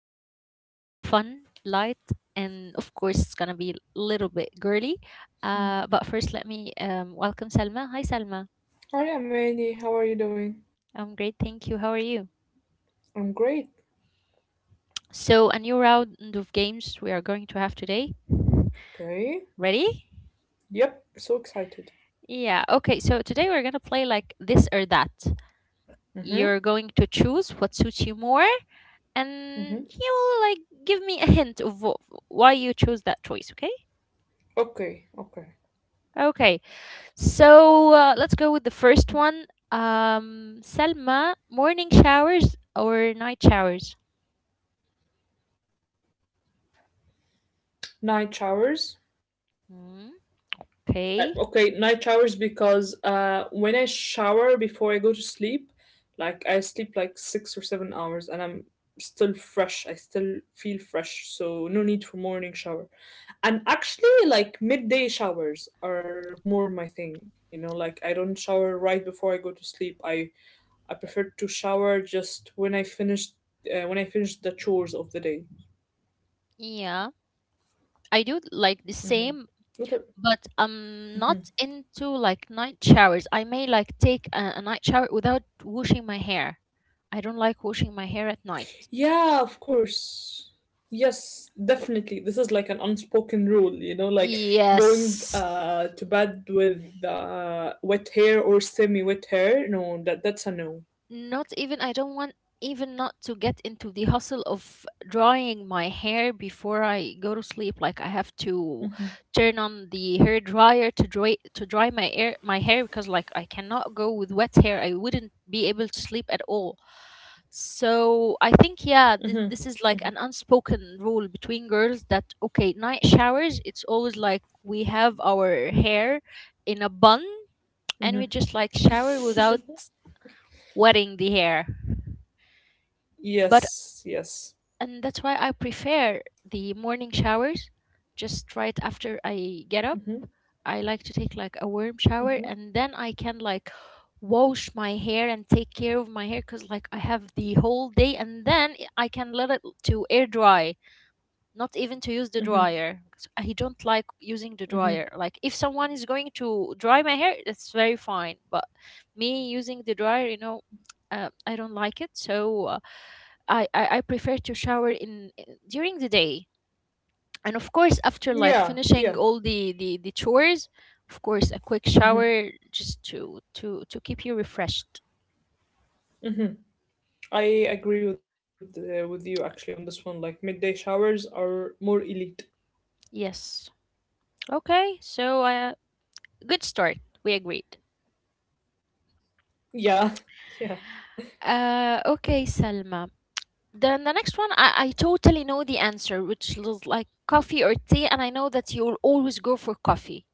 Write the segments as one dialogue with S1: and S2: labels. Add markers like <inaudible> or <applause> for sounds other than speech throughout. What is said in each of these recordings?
S1: usual, fun, light, and of course, it's going to be a little bit girly. But first, let me welcome Salma. Hi, Salma. I'm
S2: Oh
S1: great,
S2: yeah,
S1: thank you.
S2: Mandy,
S1: How
S2: how
S1: are
S2: are you
S1: you?
S2: doing? I'm great.
S1: So, a new round of games we are going to have today. Ready?
S2: Okay.
S1: Yeah,
S2: Yep,
S1: okay.
S2: so
S1: So, today we're
S2: excited.
S1: going to play like this or that. You're going to choose what suits you
S2: Mm-hmm.
S1: more, and he will like give me a
S2: Mm-hmm.
S1: hint of why you chose that choice. Okay. Okay.
S2: Okay, okay.
S1: So let's go with the first one. Selma, morning showers or night showers?
S2: Night showers.
S1: Hmm.
S2: Okay,
S1: Okay.
S2: night showers because when I shower before I go to sleep, like I sleep like 6 or 7 hours and I'm still fresh. I still feel fresh, so no need for morning shower. And actually like midday showers are more my thing. You know, like I don't shower right before I go to sleep. I prefer to shower just when I finished when I finished the chores of the day.
S1: Yeah, I do like the same, but
S2: What are-
S1: I'm not into like night showers. I may like take a night shower without washing my hair. I don't like washing my hair at night.
S2: Yeah, of course. Yes, definitely. This is like an unspoken rule, like going
S1: Yes.
S2: to bed with wet hair or semi wet hair. No, that's a no.
S1: Not even, I don't want, even not to get into the hustle of drying my hair before I go to sleep. Like I have to turn on the hair dryer to dry my hair because like I cannot go with wet hair. I wouldn't be able to sleep at all. So I think, yeah, this is like an unspoken rule between girls that, okay, night showers, it's always like we have our hair in a bun, and we just like shower without wetting the hair. But,
S2: Yes, yes.
S1: and that's why I prefer the morning showers, just right after I get up.
S2: Mhm,
S1: I like to take like a warm shower,
S2: mhm,
S1: and then I can like wash my hair and take care of my hair, cuz like I have the whole day, and then I can let it to air dry, not even to use the dryer. 'Cause
S2: mhm,
S1: I don't like using the dryer. Like
S2: mhm.
S1: if someone is going to dry my hair, that's very fine, but me using the dryer, you know, I don't like it. So uh, I prefer to shower in during the day, and of course after like finishing
S2: Yeah,
S1: all the
S2: yeah.
S1: the the chores, of course a quick shower just
S2: Hmm.
S1: to keep you refreshed.
S2: I agree with you actually on this one. Like midday showers are more elite.
S1: Yes. Okay. So good start. We agreed.
S2: Yeah, <laughs> yeah.
S1: Okay, Selma. Then the next one, I totally know the answer, which is like coffee or tea, and I know that you'll always go for coffee.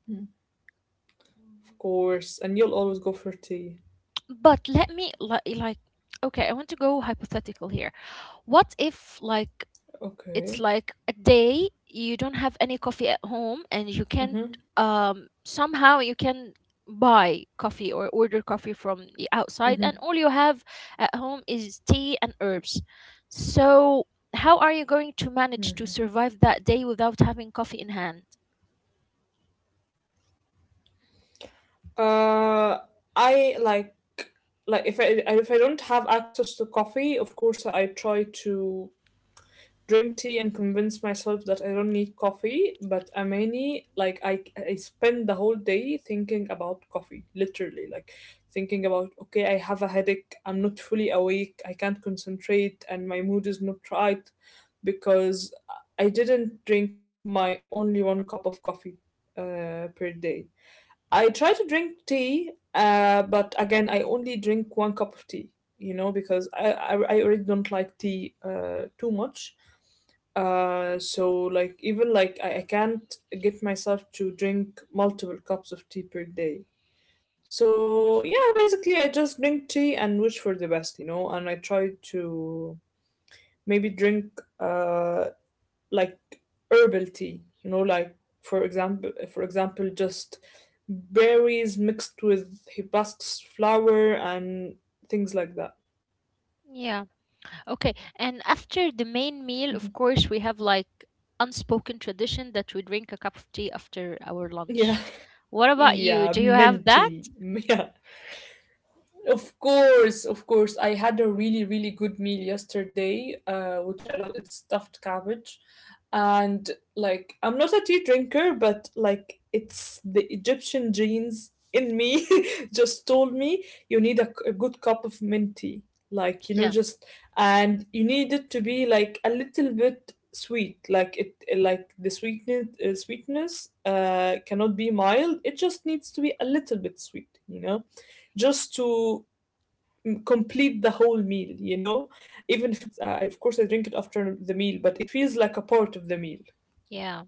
S2: Of course, and you'll always go for tea.
S1: But let me like, okay, I want to go hypothetical here. What if like it's
S2: Okay.
S1: like a day you don't have any coffee at home, and you
S2: Mhm.
S1: can't, somehow you can buy coffee or order coffee from the outside, and
S2: Mhm.
S1: all you have at home is tea and herbs. So how are you going to manage to survive that day without having coffee in hand?
S2: Uh, I like if I don't have access to coffee, of course I try to drink tea and convince myself that I don't need coffee, but Amani, like I spend the whole day thinking about coffee, literally, like thinking about okay, I have a headache, I'm not fully awake, I can't concentrate, and my mood is not right because I didn't drink my only one cup of coffee per day. I try to drink tea, but again, I only drink one cup of tea. You know, because I really don't like tea too much so like even like I can't get myself to drink multiple cups of tea per day. So yeah, basically I just drink tea and wish for the best, you know, and I try to maybe drink like herbal tea, you know, like for example just berries mixed with hibiscus flower and things like that.
S1: Yeah. Okay. And after the main meal, of course, we have like unspoken tradition that we drink a cup of tea after our
S2: Yeah.
S1: lunch.
S2: <laughs>
S1: What about you?
S2: Yeah,
S1: Do you have that?
S2: minty. <laughs> Yeah. Of course, of course. I had a really, really good meal yesterday, which I love. It's stuffed cabbage. And like, I'm not a tea drinker, but like, it's the Egyptian genes in me <laughs> just told me you need a good cup of mint tea. Like,
S1: Yeah,
S2: just, and you need it to be like a little bit sweet. Like, it, like the sweetness, cannot be mild. It just needs to be a little bit sweet, you know? Just to complete the whole meal. Even if it's Of course, I drink it after the meal, but it feels like a part of the meal.
S1: yeah.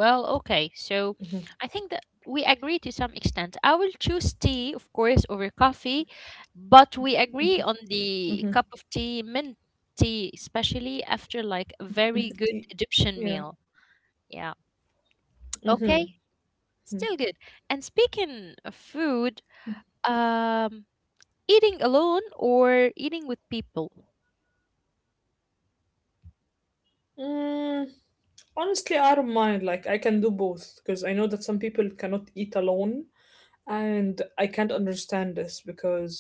S1: Well, okay. So I think that we agree to some extent. I will choose tea, of course, over coffee, but we agree on the cup of tea, mint tea, especially after like a very good
S2: Y-
S1: Egyptian
S2: yeah,
S1: meal. Yeah. Okay.
S2: mm-hmm.
S1: Still good. And speaking of food, um, eating alone or eating with people?
S2: mm, honestly, I don't mind. Like, I can do both because I know that some people cannot eat alone. And I can't understand this because,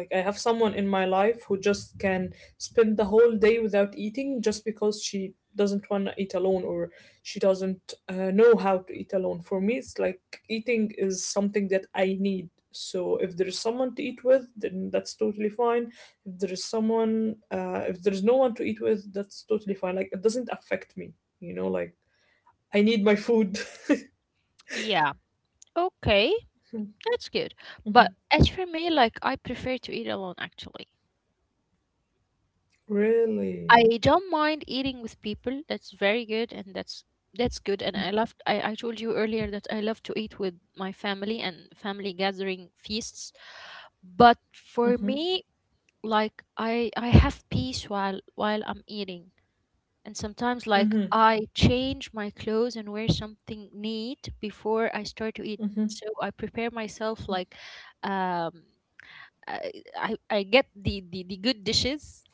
S2: like, I have someone in my life who just can spend the whole day without eating just because she doesn't want to eat alone, or she doesn't know how to eat alone. For me, it's like eating is something that I need. So if there is someone to eat with, then that's totally fine. If there is no one to eat with, that's totally fine. Like, it doesn't affect me, like, I need my food.
S1: Yeah. Okay. That's good. But as for me, like I prefer to eat alone, actually.
S2: <laughs> Really?
S1: I don't mind eating with people. That's very good, and that's good. And I love. I told you earlier that I love to eat with my family and family gathering feasts. But for me, like I have peace while I'm eating. And sometimes, like
S2: Hmm.
S1: I change my clothes and wear something neat before I start to eat. So I prepare myself like, um, I I get the good dishes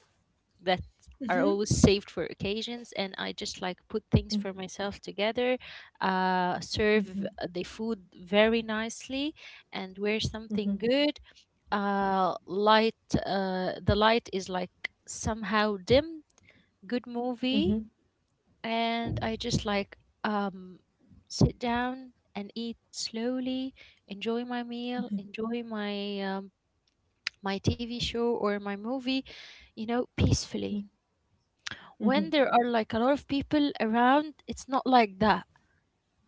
S1: that are always saved for occasions, and I just like put things for myself together, serve the food very nicely, and wear something
S2: Hmm.
S1: good, light. The light is like somehow dim, good
S2: Hmm.
S1: movie, and I just like, um, sit down and eat slowly, enjoy my meal, enjoy my my TV show or my movie, you know, peacefully. When there are like a lot of people around, it's not like that.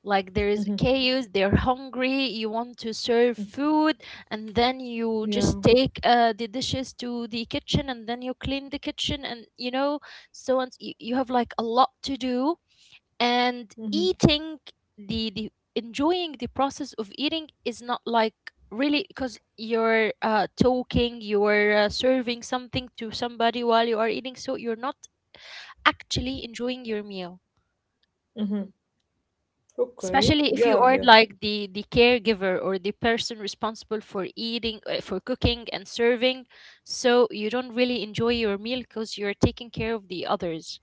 S1: Like there is
S2: Hmm.
S1: chaos, they're hungry, you want to serve food, and then you
S2: Yeah.
S1: just take the dishes to the kitchen, and then you clean the kitchen, and so on. You have like a lot to do, and
S2: Mhm.
S1: eating the enjoying the process of eating is not like, really, because you're talking, you're serving something to somebody while you are eating, so you're not actually enjoying your meal,
S2: Mhm. Okay.
S1: especially if you
S2: Yeah,
S1: are
S2: yeah.
S1: like the caregiver or the person responsible for cooking and serving, so you don't really enjoy your meal because you're taking care of the others.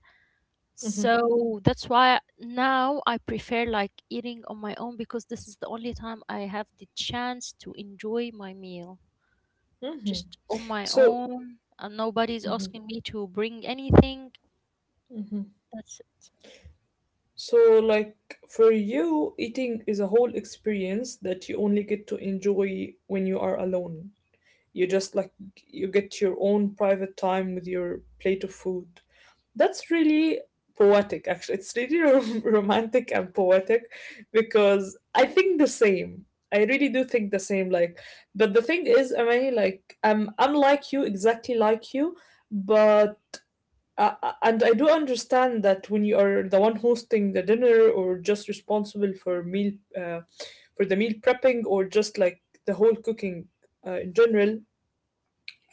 S2: Mhm.
S1: So that's why now I prefer like eating on my own, because this is the only time I have the chance to enjoy my meal,
S2: Mhm.
S1: just on my
S2: So,
S1: own, and nobody's
S2: mhm.
S1: asking me to bring anything.
S2: Mhm.
S1: That's it.
S2: So like for you, eating is a whole experience that you only get to enjoy when you are alone. You just like you get your own private time with your plate of food. That's really poetic, actually. It's really <laughs> romantic and poetic because I think the same. I really do think the same. Like, but the thing is, Amani, like, I'm like you, exactly like you, but. And I do understand that when you are the one hosting the dinner or just responsible for the meal prepping, or just like the whole cooking in general,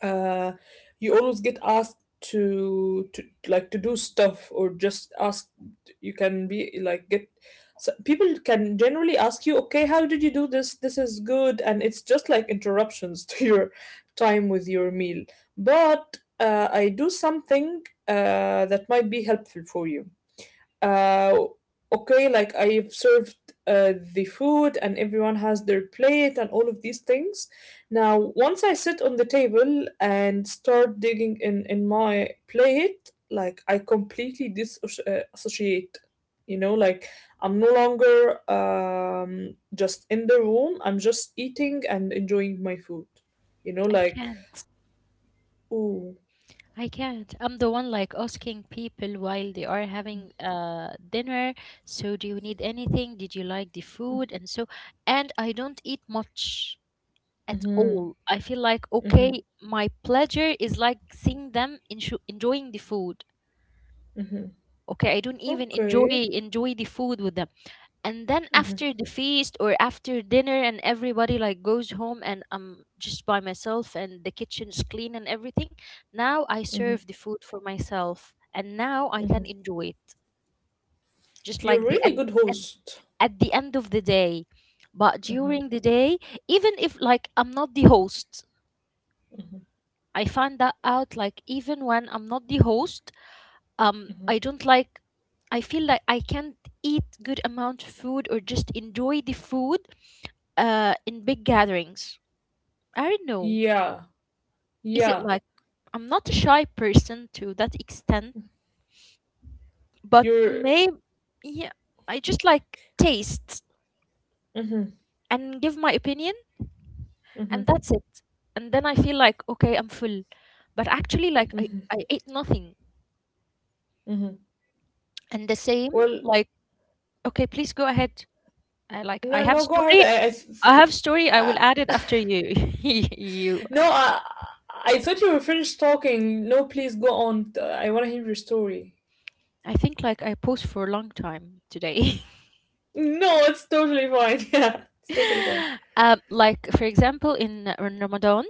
S2: uh, you always get asked to like to do stuff, or just ask, you can be like get, so people can generally ask you okay, how did you do this is good, and it's just like interruptions <laughs> to your time with your meal. But I do something that might be helpful for you, uh, okay, like I've served the food and everyone has their plate and all of these things. Now, once I sit on the table and start digging in my plate, like I completely disassociate. You know, like I'm no longer just in the room. I'm just eating and enjoying my food. You know,
S1: i
S2: like
S1: can
S2: ooh,
S1: I can't. I'm the one like asking people while they are having dinner. So, do you need anything? Did you like the food? And I don't eat much at
S2: mm-hmm,
S1: all. I feel like,
S2: mm-hmm,
S1: okay, my pleasure is like seeing them enjoying the food.
S2: mm-hmm,
S1: Okay, I don't even enjoy
S2: okay,
S1: enjoy the food with them, and then after the feast or after dinner, and everybody like goes home, and I'm just by myself and the kitchen's clean and everything, now I
S2: mm-hmm,
S1: serve the food for myself, and now I can
S2: mm-hmm.
S1: enjoy it, just
S2: You're a
S1: like the
S2: really good
S1: at,
S2: host.
S1: at the end of the day. But during the day, even if like I'm not the host, I find that out, like even when I'm not the host, I don't like. I feel like I can't eat good amount of food or just enjoy the food in big gatherings. I don't know.
S2: Yeah,
S1: Is it
S2: yeah.
S1: like I'm not a shy person to that extent, but
S2: You're.
S1: maybe, yeah, I just like taste
S2: Hmm.
S1: and give my opinion, and
S2: Hmm.
S1: that's it. And then I feel like, okay, I'm full. But actually like I
S2: Hmm.
S1: I ate nothing.
S2: Hmm.
S1: And the same,
S2: Well,
S1: like, okay, please go ahead. I like I
S2: no,
S1: have
S2: no. Go ahead.
S1: story I have story I will
S2: I-
S1: add it after you. <laughs> you
S2: no. I thought you were finished talking. No, please go on. I want to hear your story.
S1: I think like I post for a long time today. <laughs>
S2: No, it's totally fine. <laughs> Yeah, it's totally fine.
S1: Like for example in Ramadan,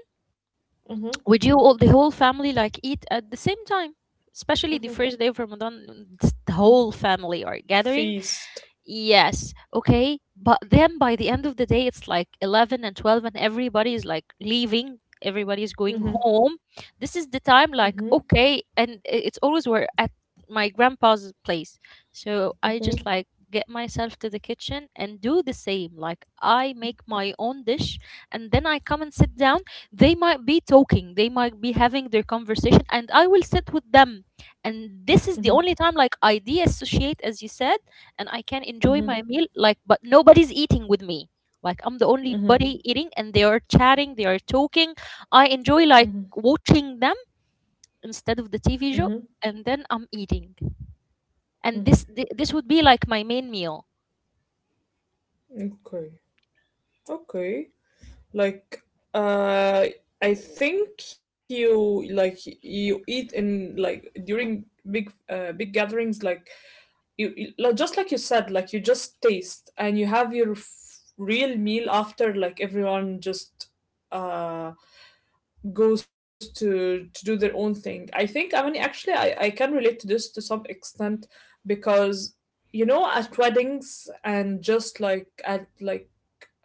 S2: Hmm.
S1: we do all the whole family like eat at the same time, especially the
S2: Hmm.
S1: first day of Ramadan. It's The whole family are gathering.
S2: Feast.
S1: Yes, okay. But then by the end of the day, it's like 11 and 12, and everybody is like leaving, everybody is going
S2: Hmm.
S1: home. This is the time, like,
S2: Hmm.
S1: okay. And it's always we're at my grandpa's place. So I
S2: Hmm.
S1: just
S2: Hmm.
S1: like get myself to the kitchen and do the same. Like, I make my own dish, and then I come and sit down. They might be talking, they might be having their conversation, and I will sit with them. And this is the only time, like, I de associate, as you said, and I can enjoy
S2: Hmm.
S1: my meal, like, but nobody's eating with me. Like I'm the only
S2: Hmm.
S1: body eating, and they are chatting, they are talking. I enjoy like watching them instead of the
S2: Hmm.
S1: TV show, and then I'm eating. And this would be like my main meal.
S2: Okay. Okay. Like, uh, I think you like you eat in like during big gatherings. Like you like, just like you said, like you just taste, and you have your real meal after. Like everyone just uh goes to do their own thing. I think, I mean actually I can relate to this to some extent because at weddings, and just like at like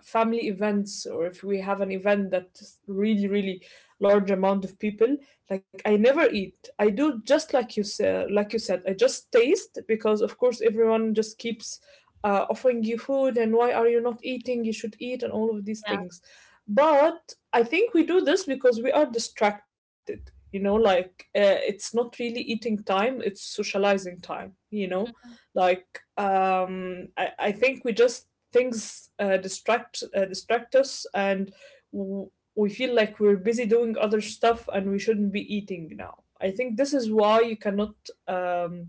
S2: family events, or if we have an event that really really large amount of people, like I never eat, I do just like you said, I just taste because of course everyone just keeps offering you food, and why are you not eating, you should eat, and all of these
S1: Yeah.
S2: things. But I think we do this because we are distracted, you know, like it's not really eating time, it's socializing time, you know,
S1: Mhm.
S2: like I think we just things distract us, and w- we feel like we're busy doing other stuff and we shouldn't be eating now. I think this is why you cannot um,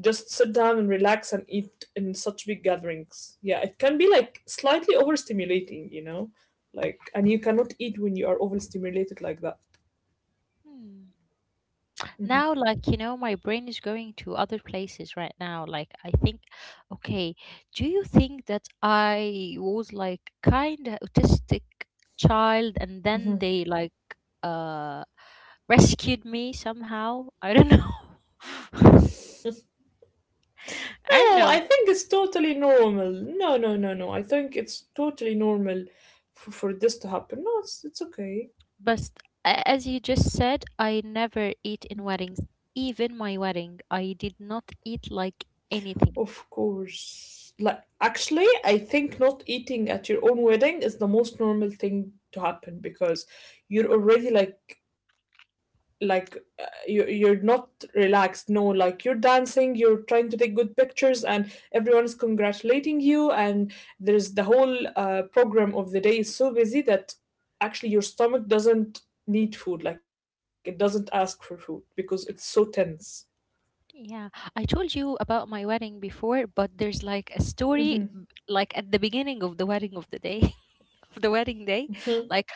S2: just sit down and relax and eat in such big gatherings. Yeah, it can be like slightly overstimulating, you know, like, and you cannot eat when you are overstimulated like that.
S1: Hmm.
S2: Mhm,
S1: Now like, you know, my brain is going to other places right now, like I think, okay, do you think that I was like kind of autistic child, and then
S2: mhm.
S1: they like uh rescued me somehow? I don't know. <laughs> I don't
S2: No, I
S1: know.
S2: think it's totally normal. No, no, no, no. I think it's totally normal for this to happen. No, it's okay.
S1: But as you just said, I never eat in weddings. Even my wedding, I did not eat like anything.
S2: Of course. Like, actually, I think not eating at your own wedding is the most normal thing to happen because you're already like like you're not relaxed. No, like you're dancing, you're trying to take good pictures, and everyone's congratulating you. And there's the whole program of the day is so busy that actually your stomach doesn't need food. Like it doesn't ask for food because it's so tense.
S1: Yeah, I told you about my wedding before, but there's like a story like at the beginning of the wedding of the day <laughs> of the wedding day. Like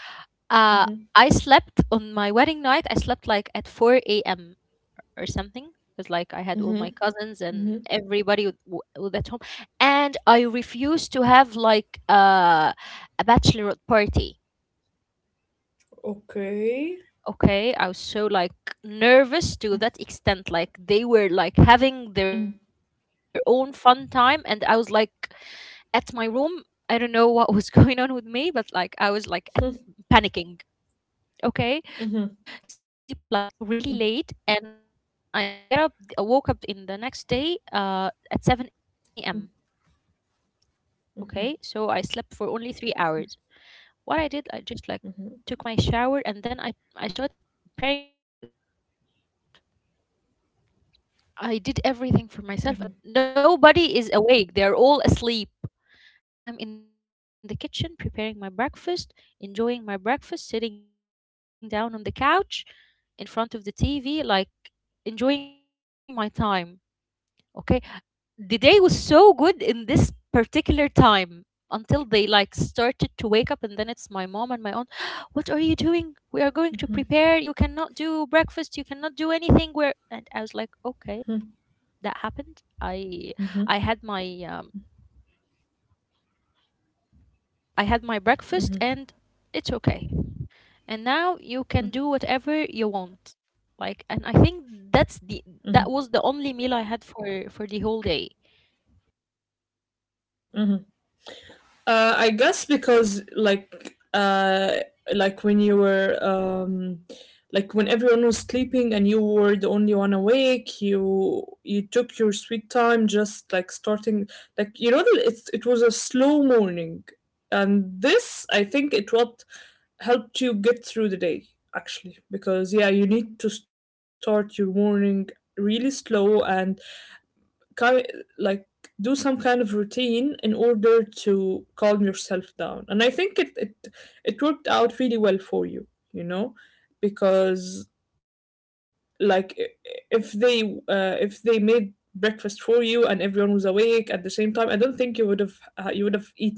S1: uh I slept on my wedding night, I slept like at 4 a.m. or something. Because like I had all my cousins and everybody with at home, and I refused to have like a bachelorette party.
S2: Okay.
S1: Okay, I was so like nervous to that extent. Like they were like having their own fun time, and I was like at my room. I don't know what was <laughs> going on with me, but like I was like panicking. Okay, so I went sleep like really late, and I get up. I woke up in the next day at 7 a.m. Okay, so I slept for only 3 hours. What I did, I just like took my shower, and then I started preparing my breakfast. I did everything for myself, and then I nobody is awake. They're all asleep. And I'm in the kitchen preparing my breakfast, enjoying my breakfast, sitting down on the couch in front of the TV, like enjoying my time. Okay. The day was so good in this particular time until they like started to wake up, and then it's my mom and my aunt. <gasps> What are you doing? We are going to prepare You cannot do breakfast, you cannot do anything. Where? And I was like, okay, that happened. I had my um, I had my breakfast, and it's okay, and now you can do whatever you want. Like, and I think that's the
S2: Mhm.
S1: that was the only meal I had for the whole day.
S2: I guess because like when you were like when everyone was sleeping and you were the only one awake, you took your sweet time just like starting, like, you know that it was a slow morning. And this I think it what helped you get through the day, actually, because yeah, you need to start your morning really slow and ki- like do some kind of routine in order to calm yourself down, and I think it worked out really well for you, you know, because like if they if they made breakfast for you and everyone was awake at the same time, I don't think you would have eaten,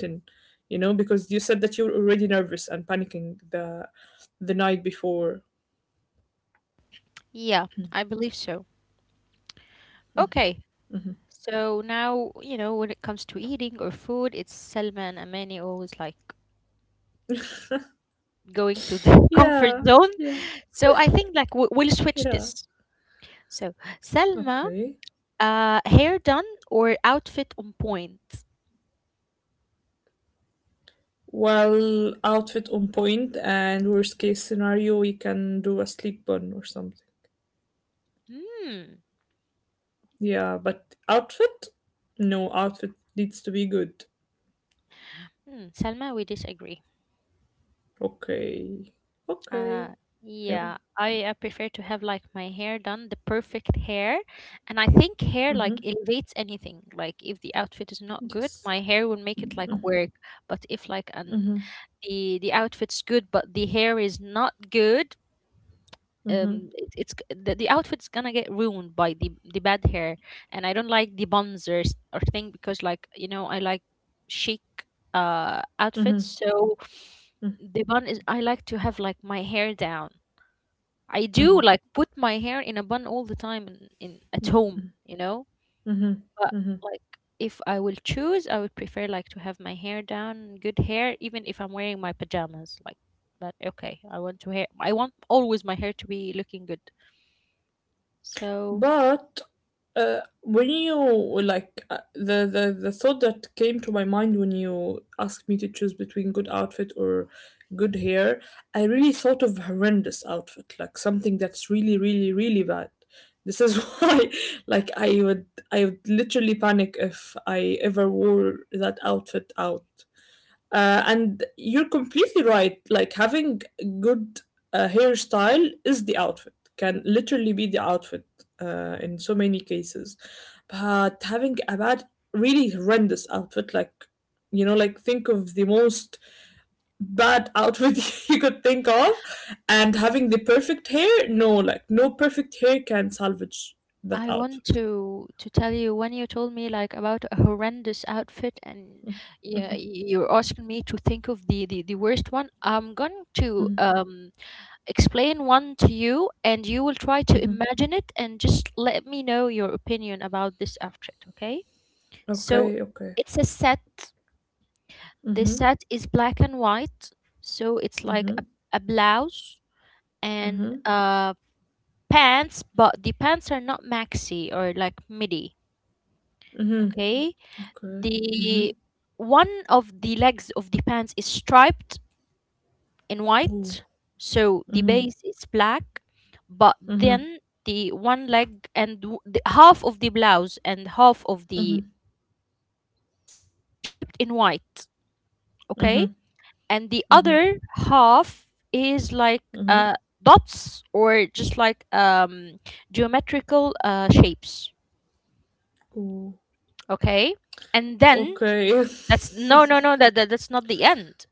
S2: you know, because you said that you were already nervous and panicking the night before.
S1: Yeah, I believe so. Okay, so now you know, when it comes to eating or food, it's Selma and Amani always like going to the <laughs> comfort
S2: Yeah,
S1: zone.
S2: yeah,
S1: So I think like we- we'll switch
S2: yeah,
S1: this. So Selma,
S2: okay.
S1: uh, hair done or outfit on point?
S2: Well, outfit on point, and worst case scenario, we can do a sleep bun or something.
S1: Hmm.
S2: Yeah, but outfit? No, outfit needs to be good.
S1: Hmm. Selma, we disagree.
S2: Okay. Okay.
S1: Uh,
S2: I will.
S1: yeah, I prefer to have like my hair done, the perfect hair. And I think hair
S2: Mm-hmm.
S1: like elevates anything. Like if the outfit is not good,
S2: Yes.
S1: my hair will make it like work. But if like an
S2: Mm-hmm.
S1: the outfit's good, but the hair is not good,
S2: Mm-hmm.
S1: it's g- the outfit's gonna get ruined by the bad hair. And I don't like the bonzers or thing, because like, you know, I like chic outfits.
S2: Mm-hmm.
S1: So the bun is, I like to have like my hair down. I
S2: Mm-hmm.
S1: do like put my hair in a bun all the time in at home, you know.
S2: Mm-hmm.
S1: But
S2: Mm-hmm.
S1: like, if I will choose, I would prefer like to have my hair down, good hair, even if I'm wearing my pajamas. Like, but okay, I want to hair. I want always my hair to be looking good. So
S2: But when you like the thought that came to my mind when you asked me to choose between good outfit or good hair, I really thought of horrendous outfit, like something that's really, really, really bad. This is <laughs> why, like, I would literally panic if I ever wore that outfit out. And you're completely right. Like having good hairstyle is the outfit, can literally be the outfit in so many cases. But having a bad, really horrendous outfit, like, like think of the most bad outfit <laughs> you could think of, and having the perfect hair, no, like, no perfect hair can salvage that
S1: I want
S2: outfit.
S1: to tell you, when you told me like about a horrendous outfit and yeah, you're asking me to think of the the worst one. I'm going to explain one to you, and you will try to imagine it and just let me know your opinion about this after it, okay? So
S2: Okay, okay,
S1: it's a set. The set is black and white. So it's like a blouse and pants, but the pants are not maxi or like midi, okay?
S2: okay.
S1: The one of the legs of the pants is striped in
S2: Ooh.
S1: white. So the base is black, but then the one leg and w- the, half of the blouse and half of the pants are striped in white. Okay,
S2: Mm-hmm,
S1: and the
S2: mm-hmm,
S1: other half is like
S2: mm-hmm.
S1: dots, or just like geometrical shapes.
S2: Ooh.
S1: Okay, and then
S2: Okay. <laughs>
S1: that's no, no, no. That, that that's not the end.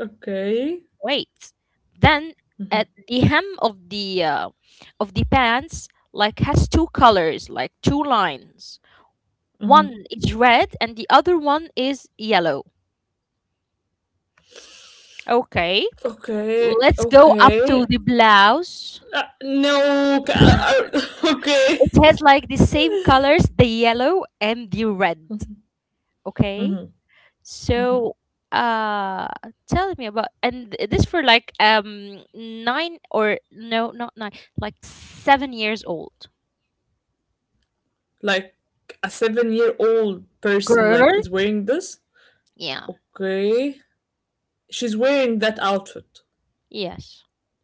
S2: Okay.
S1: Wait. Then at the hem of the pants like has two colors, like two lines.
S2: Mhm.
S1: One is red and the other one is yellow. Okay.
S2: Okay.
S1: Let's go up to
S2: Okay.
S1: the blouse.
S2: No. <laughs> Okay.
S1: It has like the same colors, the yellow and the red. Okay.
S2: hmm hmm
S1: So uh tell me about, and th- this for like nine or no, not nine, like 7 years old
S2: Like a seven-year-old person,
S1: girl.
S2: like is wearing this.
S1: Yeah.
S2: Okay. She's wearing that outfit.
S1: Yes.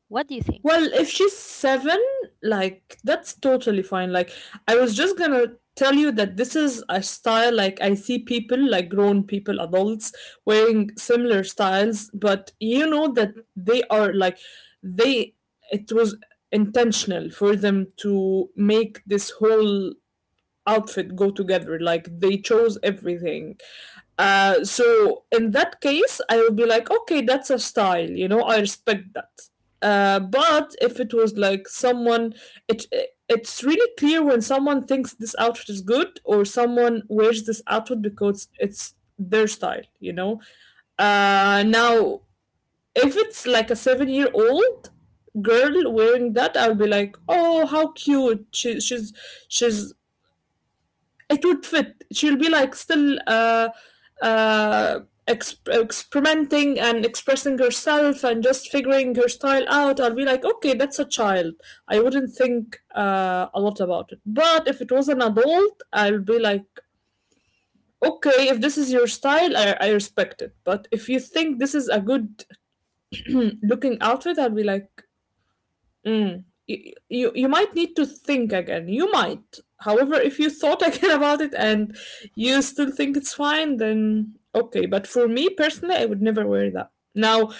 S1: What do you think?
S2: Well, if she's 7, like, that's totally fine. Like, I was just gonna tell you that this is a style, like, I see people, like, grown people, adults, wearing similar styles, but you know that they are, like, they, it was intentional for them to make this whole outfit go together, like they chose everything. So in that case, I will be like, okay, that's a style, you know, I respect that. But if it was like someone, it it's really clear when someone thinks this outfit is good or someone wears this outfit because it's their style, you know. Now, if it's like a 7-year old girl wearing that, I'll be like, oh, how cute, she's it would fit. She'll be like still uh, experimenting and expressing herself and just figuring her style out. I'll be like, okay, that's a child. I wouldn't think a lot about it. But if it was an adult, I'll be like, okay, if this is your style, I respect it. But if you think this is a good <clears throat> looking outfit, I'll be like, Mm. You might need to think again. You might. However, if you thought <laughs> again about it and you still think it's fine, then okay. But for me personally, I would never wear that. Now,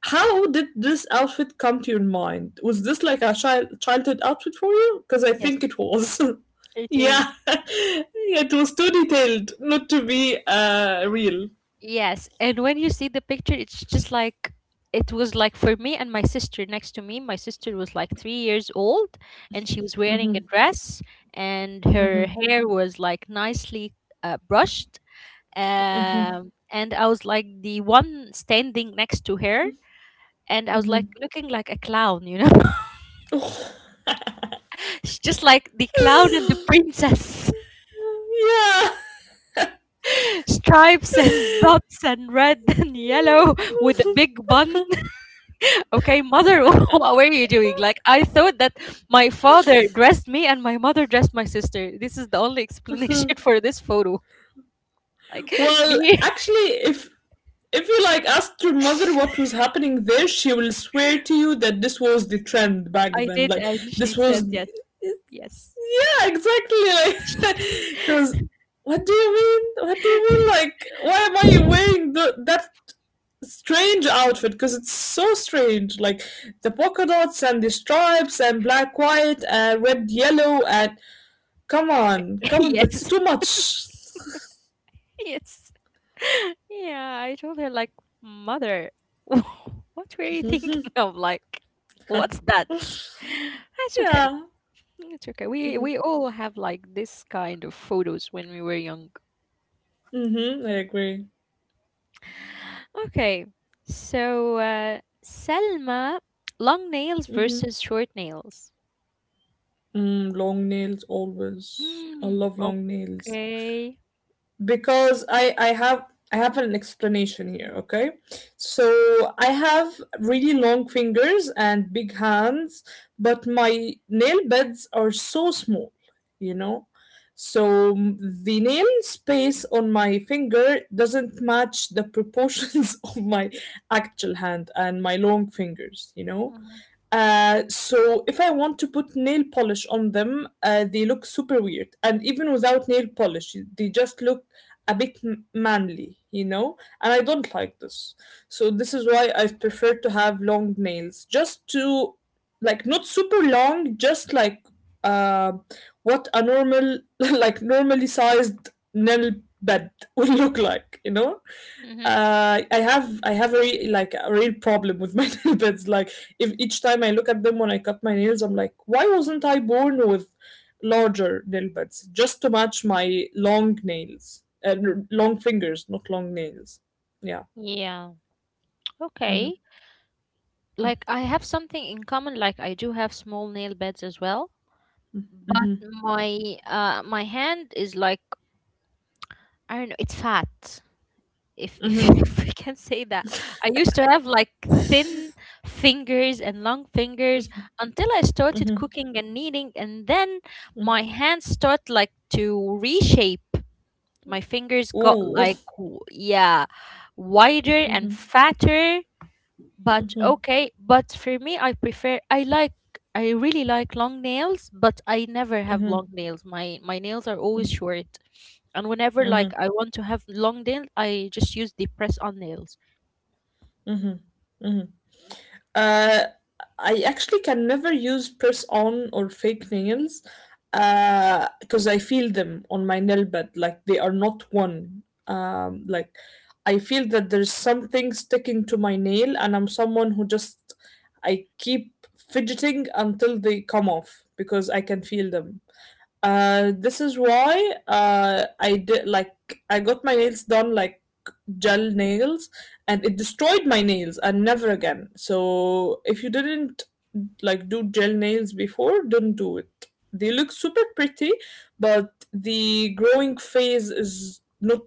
S2: how did this outfit come to your mind? Was this like a childhood outfit for you? Because I
S1: Yes,
S2: think it was. <laughs>
S1: it
S2: Yeah,
S1: is.
S2: <laughs> it was too detailed not to be real.
S1: Yes, and when you see the picture, it's just like it was like for me and my sister next to me. My sister was like 3 years old, and she was wearing a dress, and her hair was like nicely brushed. And I was like the one standing next to her, and I was like looking like a clown, you know. <laughs> It's just like the clown and the princess.
S2: Yeah.
S1: <laughs> Stripes and dots and red <laughs> and yellow with a
S2: <laughs>
S1: big bun. <laughs> Okay, mother, <laughs> what were you doing? Like, I thought that my father dressed me and my mother dressed my sister. This is the only explanation <laughs> for this photo. Like, <laughs>
S2: Well,
S1: me,
S2: actually, if you like asked your mother what
S1: <laughs>
S2: was happening there, she will swear to you that this was the trend back
S1: I
S2: then.
S1: did,
S2: Like
S1: and she
S2: this was
S1: said
S2: yeah,
S1: yes, yes.
S2: exactly, like, <laughs> because what do you mean? What do you mean?
S1: <laughs>
S2: Like, why am I wearing the that
S1: <laughs>
S2: strange outfit? Because it's so strange. Like, the polka dots and the stripes and black, white, and red, yellow, and come on, come on, that's
S1: yes.
S2: too much.
S1: Yes. <laughs> Yeah, I told her like, "Mother, <laughs> what were you thinking <laughs> of? Like, what's
S2: <laughs>
S1: that?" <laughs> That's okay.
S2: Yeah.
S1: It's okay. We
S2: Mm-hmm.
S1: all have like this kind of photos when we were young.
S2: Mm-hmm. I agree.
S1: Okay. So, Selma, long nails
S2: Mm-hmm.
S1: versus short nails.
S2: Long nails always. I
S1: Hmm.
S2: love long nails,
S1: Okay.
S2: because I have an explanation here. Okay, so I have really long fingers and big hands, but my nail beds are so small. You know. So the nail space on my finger doesn't match the proportions <laughs> of my actual hand and my long fingers, you know. So if I want to put nail polish on them, they look super weird. And even without nail polish, they just look a bit manly, you know? And I don't like this. So this is why I prefer to have long nails, just to, like, not super long, just like uh, what a normal, <laughs> like, normally sized nail bed <laughs> would look like, you know?
S1: Mm-hmm.
S2: I have a like a real problem with my <laughs> nail beds. Like, if each time I look at them when I cut my nails, I'm like, why wasn't I born with larger nail beds just to match my long nails and long fingers, not long nails? Yeah.
S1: Yeah.
S2: Mm-hmm.
S1: Okay. Like I have something in common. Like I do have small nail beds as well. But
S2: Mm-hmm.
S1: my my hand is like, I don't know, it's fat. If, <laughs> if we can say that, I used to have like thin fingers and long fingers until I started cooking and kneading, and then my hands start like to reshape. My fingers got
S2: Ooh.
S1: like
S2: <laughs>
S1: w- yeah, wider and fatter, but okay. But for me, I prefer, I like, I really like long nails, but I never have
S2: Mm-hmm.
S1: long nails. My nails are always short. And whenever like
S2: Mm-hmm.
S1: I want to have long nails, I just use the press on nails.
S2: Mm-hmm. Uh, I actually can never use press on or fake nails because I feel them on my nail bed like they are not one. Like, I feel that there's something sticking to my nail, and I'm someone who just I keep fidgeting until they come off because I can feel them. This is why I did like I got my nails done like gel nails, and it destroyed my nails and never again. So if you didn't like do gel nails before, don't do it. They look super pretty, but the growing phase is not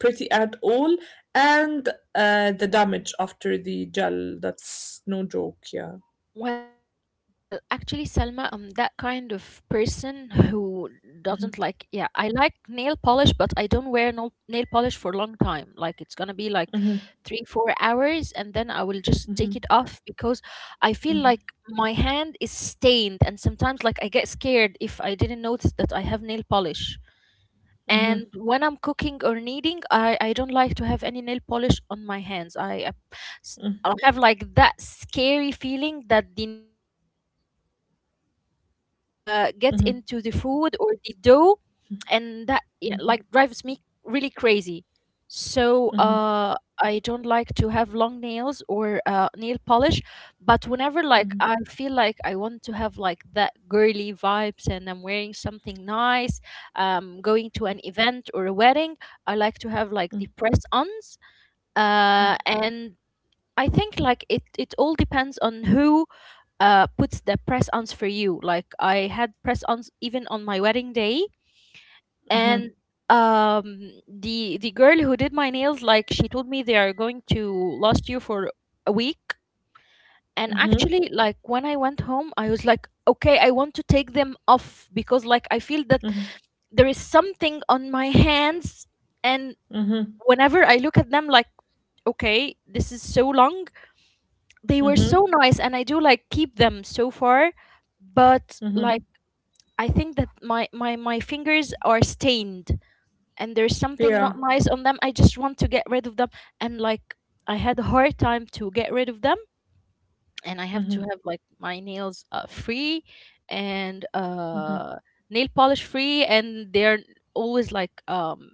S2: pretty at all, and the damage after the gel, that's no joke. Yeah.
S1: Well, actually, Selma, I'm that kind of person who doesn't like, yeah, I like nail polish, but I don't wear no nail polish for a long time. Like it's gonna be like
S2: Mm-hmm,
S1: three, 4 hours, and then I will just take it off because I feel like my hand is stained, and sometimes like I get scared if I didn't notice that I have nail polish.
S2: mm-hmm,
S1: And when I'm cooking or kneading, I don't like to have any nail polish on my hands. I s- I have like that scary feeling that the nail polish will just like get into the food or the dough, and that yeah, like drives me really crazy. So
S2: mm-hmm,
S1: I don't like to have long nails or nail polish, but whenever like
S2: mm-hmm,
S1: I feel like I want to have like that girly vibes and I'm wearing something nice, going to an event or a wedding, I like to have like the press ons. Uh, and I think like it all depends on who puts the press ons for you. Like I had press ons even on my wedding day,
S2: mm-hmm,
S1: and the girl who did my nails, like she told me they are going to last you for a week. And
S2: mm-hmm,
S1: actually like when I went home I was like, okay, I want to take them off, because like I feel that there is something on my hands. And
S2: mm-hmm.
S1: whenever I look at them, like, okay, this is so long. They were so
S2: Mm-hmm.
S1: nice, and I do like keep them so far, but
S2: Mm-hmm.
S1: like I think that my fingers are stained, and there's something not
S2: Yeah.
S1: nice on them. I just want to get rid of them. And like I had a hard time to get rid of them, and I have to
S2: Mm-hmm.
S1: have like my nails free and nail polish free, and they're always like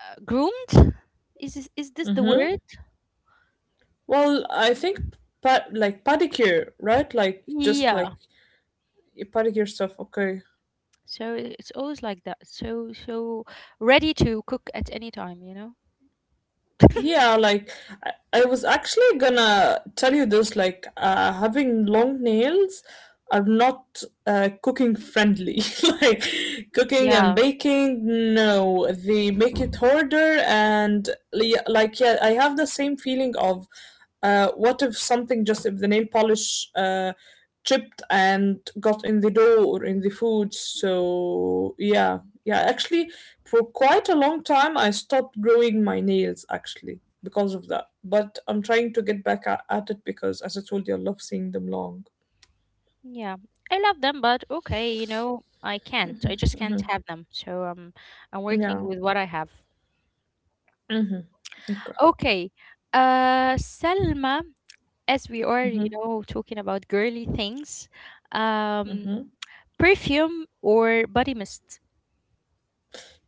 S1: groomed. Is this, is this the
S2: Mm-hmm.
S1: word?
S2: Well, I think, like, pedicure, right? Like, just like
S1: Yeah.
S2: pedicure stuff. Okay.
S1: So it's always like that, so so ready to cook at any time, you know.
S2: Yeah, like, I was actually gonna tell you this, like, having long nails are not cooking friendly. <laughs> Like, cooking and
S1: Yeah.
S2: baking, no, they make it harder. And like, yeah, I have the same feeling of what if something, just if the nail polish chipped and got in the dough or in the food. So yeah, yeah, actually, for quite a long time I stopped growing my nails actually because of that, but I'm trying to get back at it because, as I told you, I love seeing them long.
S1: Yeah, I love them, but okay, you know, I can't. I just can't have them. So I'm working
S2: Yeah.
S1: with what I have.
S2: Hmm. Okay.
S1: Okay, Selma, as we are, you know, talking about girly things, um, perfume or body mist?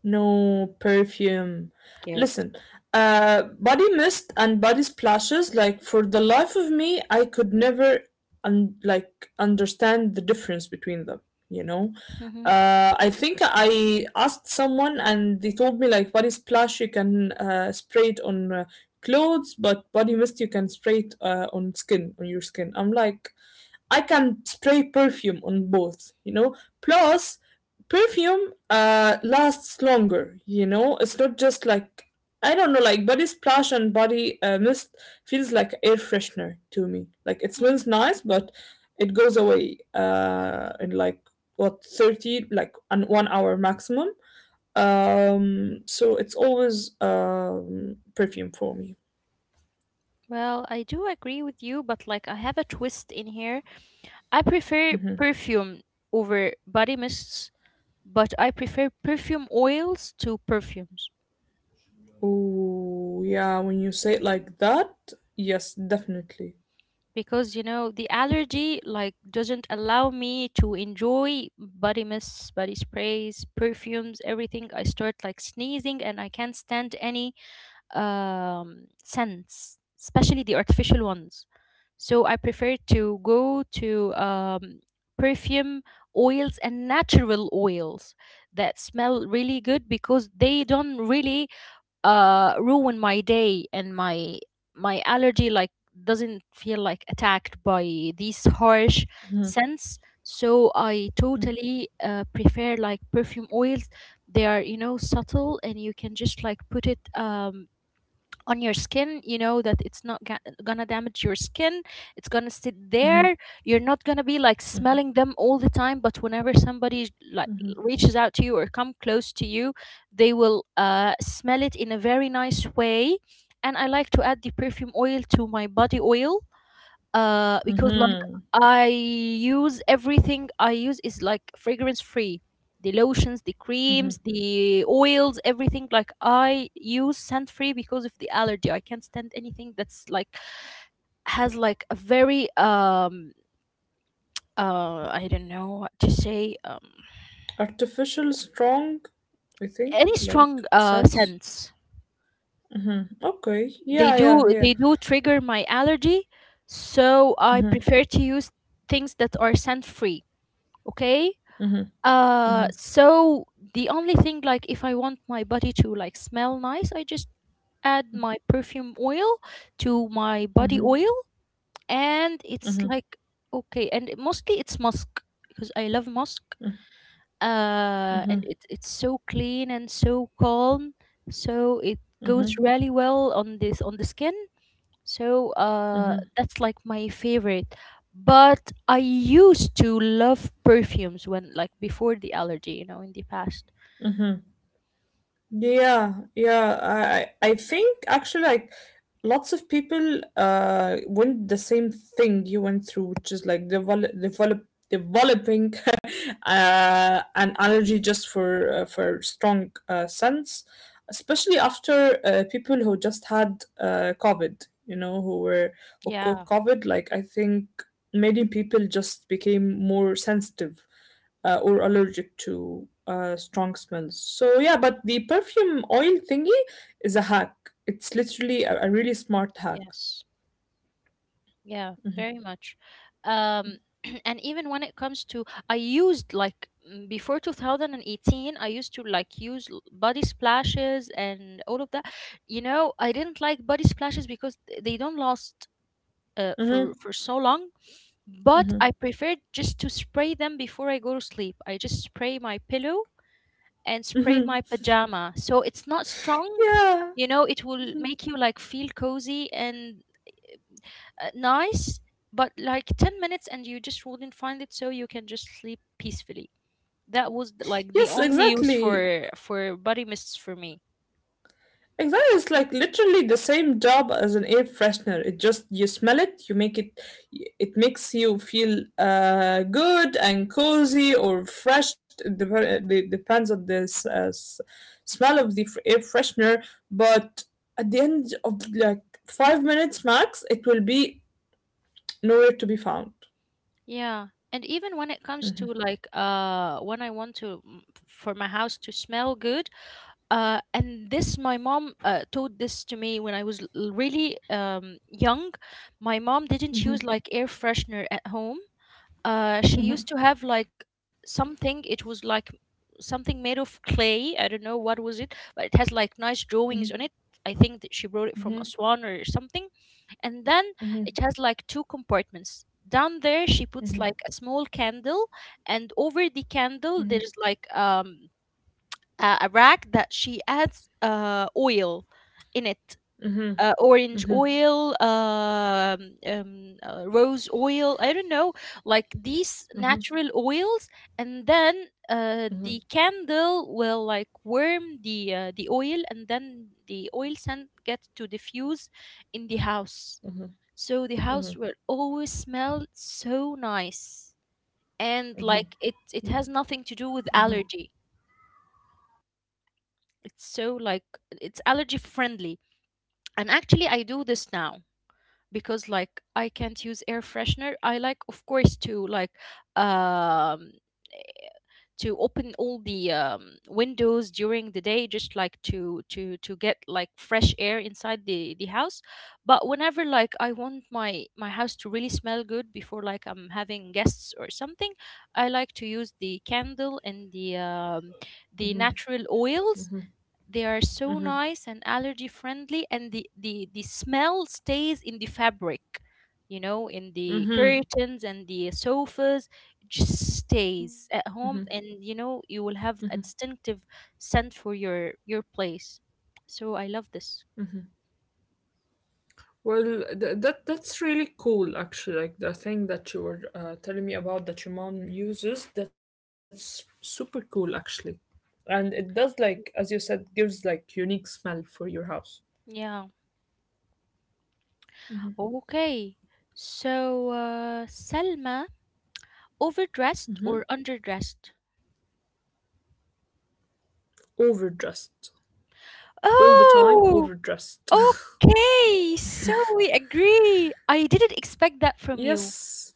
S2: No perfume.
S1: Good.
S2: Listen, body mist and body splashes. Like, for the life of me, I could never like understand the difference between them. You know,
S1: Mm-hmm.
S2: I think I asked someone and they told me, like, body splash you can spray it on clothes, but body mist you can spray it on your skin. I'm like, I can spray perfume on both, you know. Plus, perfume lasts longer, you know. It's not just like, I don't know, like body splash and body mist feels like air freshener to me. Like, it
S1: Hmm.
S2: smells nice, but it goes away in like, what, 30, like, an 1 hour maximum, so it's always perfume for me.
S1: Well, I do agree with you, but like I have a twist in here. I prefer
S2: Hmm.
S1: perfume over body mists, but I prefer perfume oils to perfumes.
S2: Oh yeah, when you say it like that, yes, definitely.
S1: Because you know the allergy like doesn't allow me to enjoy body mists, body sprays, perfumes. Everything, I start like sneezing and I can't stand any scents, especially the artificial ones. So I prefer to go to perfume oils and natural oils that smell really good because they don't really ruin my day and my allergy like doesn't feel like attacked by these harsh
S2: Mhm,
S1: scents. So I totally prefer like perfume oils. They are, you know, subtle and you can just like put it on your skin. You know that it's not gonna damage your skin, it's gonna sit
S2: mhm,
S1: there. You're not gonna be like
S2: mhm,
S1: smelling them all the time, but whenever somebody like
S2: mhm,
S1: reaches out to you or come close to you, they will smell it in a very nice way. And I like to add the perfume oil to my body oil because like
S2: mhm,
S1: I use everything I use is like fragrance free. The lotions, the
S2: mhm.
S1: creams, the oils, everything like I use scent free because of the allergy. I can't stand anything that's like has like a very I don't know what to say.
S2: Artificial, strong, I think,
S1: Any
S2: like,
S1: strong
S2: sense.
S1: scents,
S2: Mhm. Okay.
S1: they
S2: Yeah, yeah, yeah.
S1: do trigger my allergy. So I
S2: Mm-hmm,
S1: prefer to use things that are scent free. Okay.
S2: mm-hmm,
S1: So the only thing, like, if I want my body to like smell nice, I just add my perfume oil to my body oil, and it's like okay. Mostly it's musk because I love musk. And it's so clean and so calm, so it
S2: mm-hmm.
S1: goes really well on this on the skin. So that's like my favorite. But I used to love perfumes when, like, before the allergy, you know, in the past.
S2: Yeah, yeah. I think actually, like, lots of people went the same thing you went through, which is like, developing <laughs> an allergy just for strong scents, especially after people who just had COVID, you know, who caught
S1: Yeah,
S2: COVID. Like, I think many people just became more sensitive or allergic to strong smells. So yeah, but the perfume oil thingy is a hack. It's literally a really smart hack.
S1: yes, yeah, very
S2: Mm-hmm.
S1: much. Um, <clears throat> and even when it comes to, I used like before 2018, I used to like use body splashes and all of that. You know, I didn't like body splashes because they don't last for
S2: Mm-hmm.
S1: so long. But I
S2: Mm-hmm.
S1: prefer just to spray them before I go to sleep. I just spray my pillow and spray
S2: Mm-hmm.
S1: my pajama. So it's not strong,
S2: Yeah.
S1: you know, it will make you like feel cozy and nice, but like 10 minutes and you just wouldn't find it so you can just sleep peacefully. That was like the
S2: Yes,
S1: only use
S2: exactly.
S1: for body mists for me.
S2: Exactly, it's like literally the same job as an air freshener. It just, you smell it, you make it, it makes you feel good and cozy or fresh. It depends on the smell of the air freshener. But at the end of like 5 minutes max, it will be nowhere to be found.
S1: Yeah. And even when it comes to like when I want to for my house to smell good, and this my mom taught this to me when I was really young. My mom didn't use like air freshener at home. She used to have like something. It was like something made of clay, I don't know what was it, but it has like nice drawings on it. I think that she brought it from Aswan or something. And then it has like two compartments. Down there she puts like a small candle, and over the candle there's like a rack that she adds oil in it. Orange oil, rose oil, I don't know, like these natural oils. And then the candle will like warm the oil, and then the oil scent gets to diffuse in the house. So the house will always smell so nice. And like it has nothing to do with allergy. It's so like it's allergy friendly. And actually I do this now because like I can't use air freshener. I like of course to like um to open all the windows during the day, just like to get like fresh air inside the house. But whenever like I want my house to really smell good before like I'm having guests or something, I like to use the candle and the natural oils. They are so nice and allergy friendly, and the smell stays in the fabric, you know, in the curtains and the sofas. It just stays at home, and you know you will have a distinctive scent for your place. So I love this.
S2: Well, that's really cool, actually. Like, the thing that you were telling me about that your mom uses, that's super cool, actually. And it does, like as you said, gives like unique smell for your house.
S1: Yeah. Okay. So Selma, overdressed or underdressed?
S2: Overdressed all the time,
S1: Oh,
S2: overdressed.
S1: okay, so we agree. I didn't expect that
S2: <laughs>
S1: from you.
S2: Yes.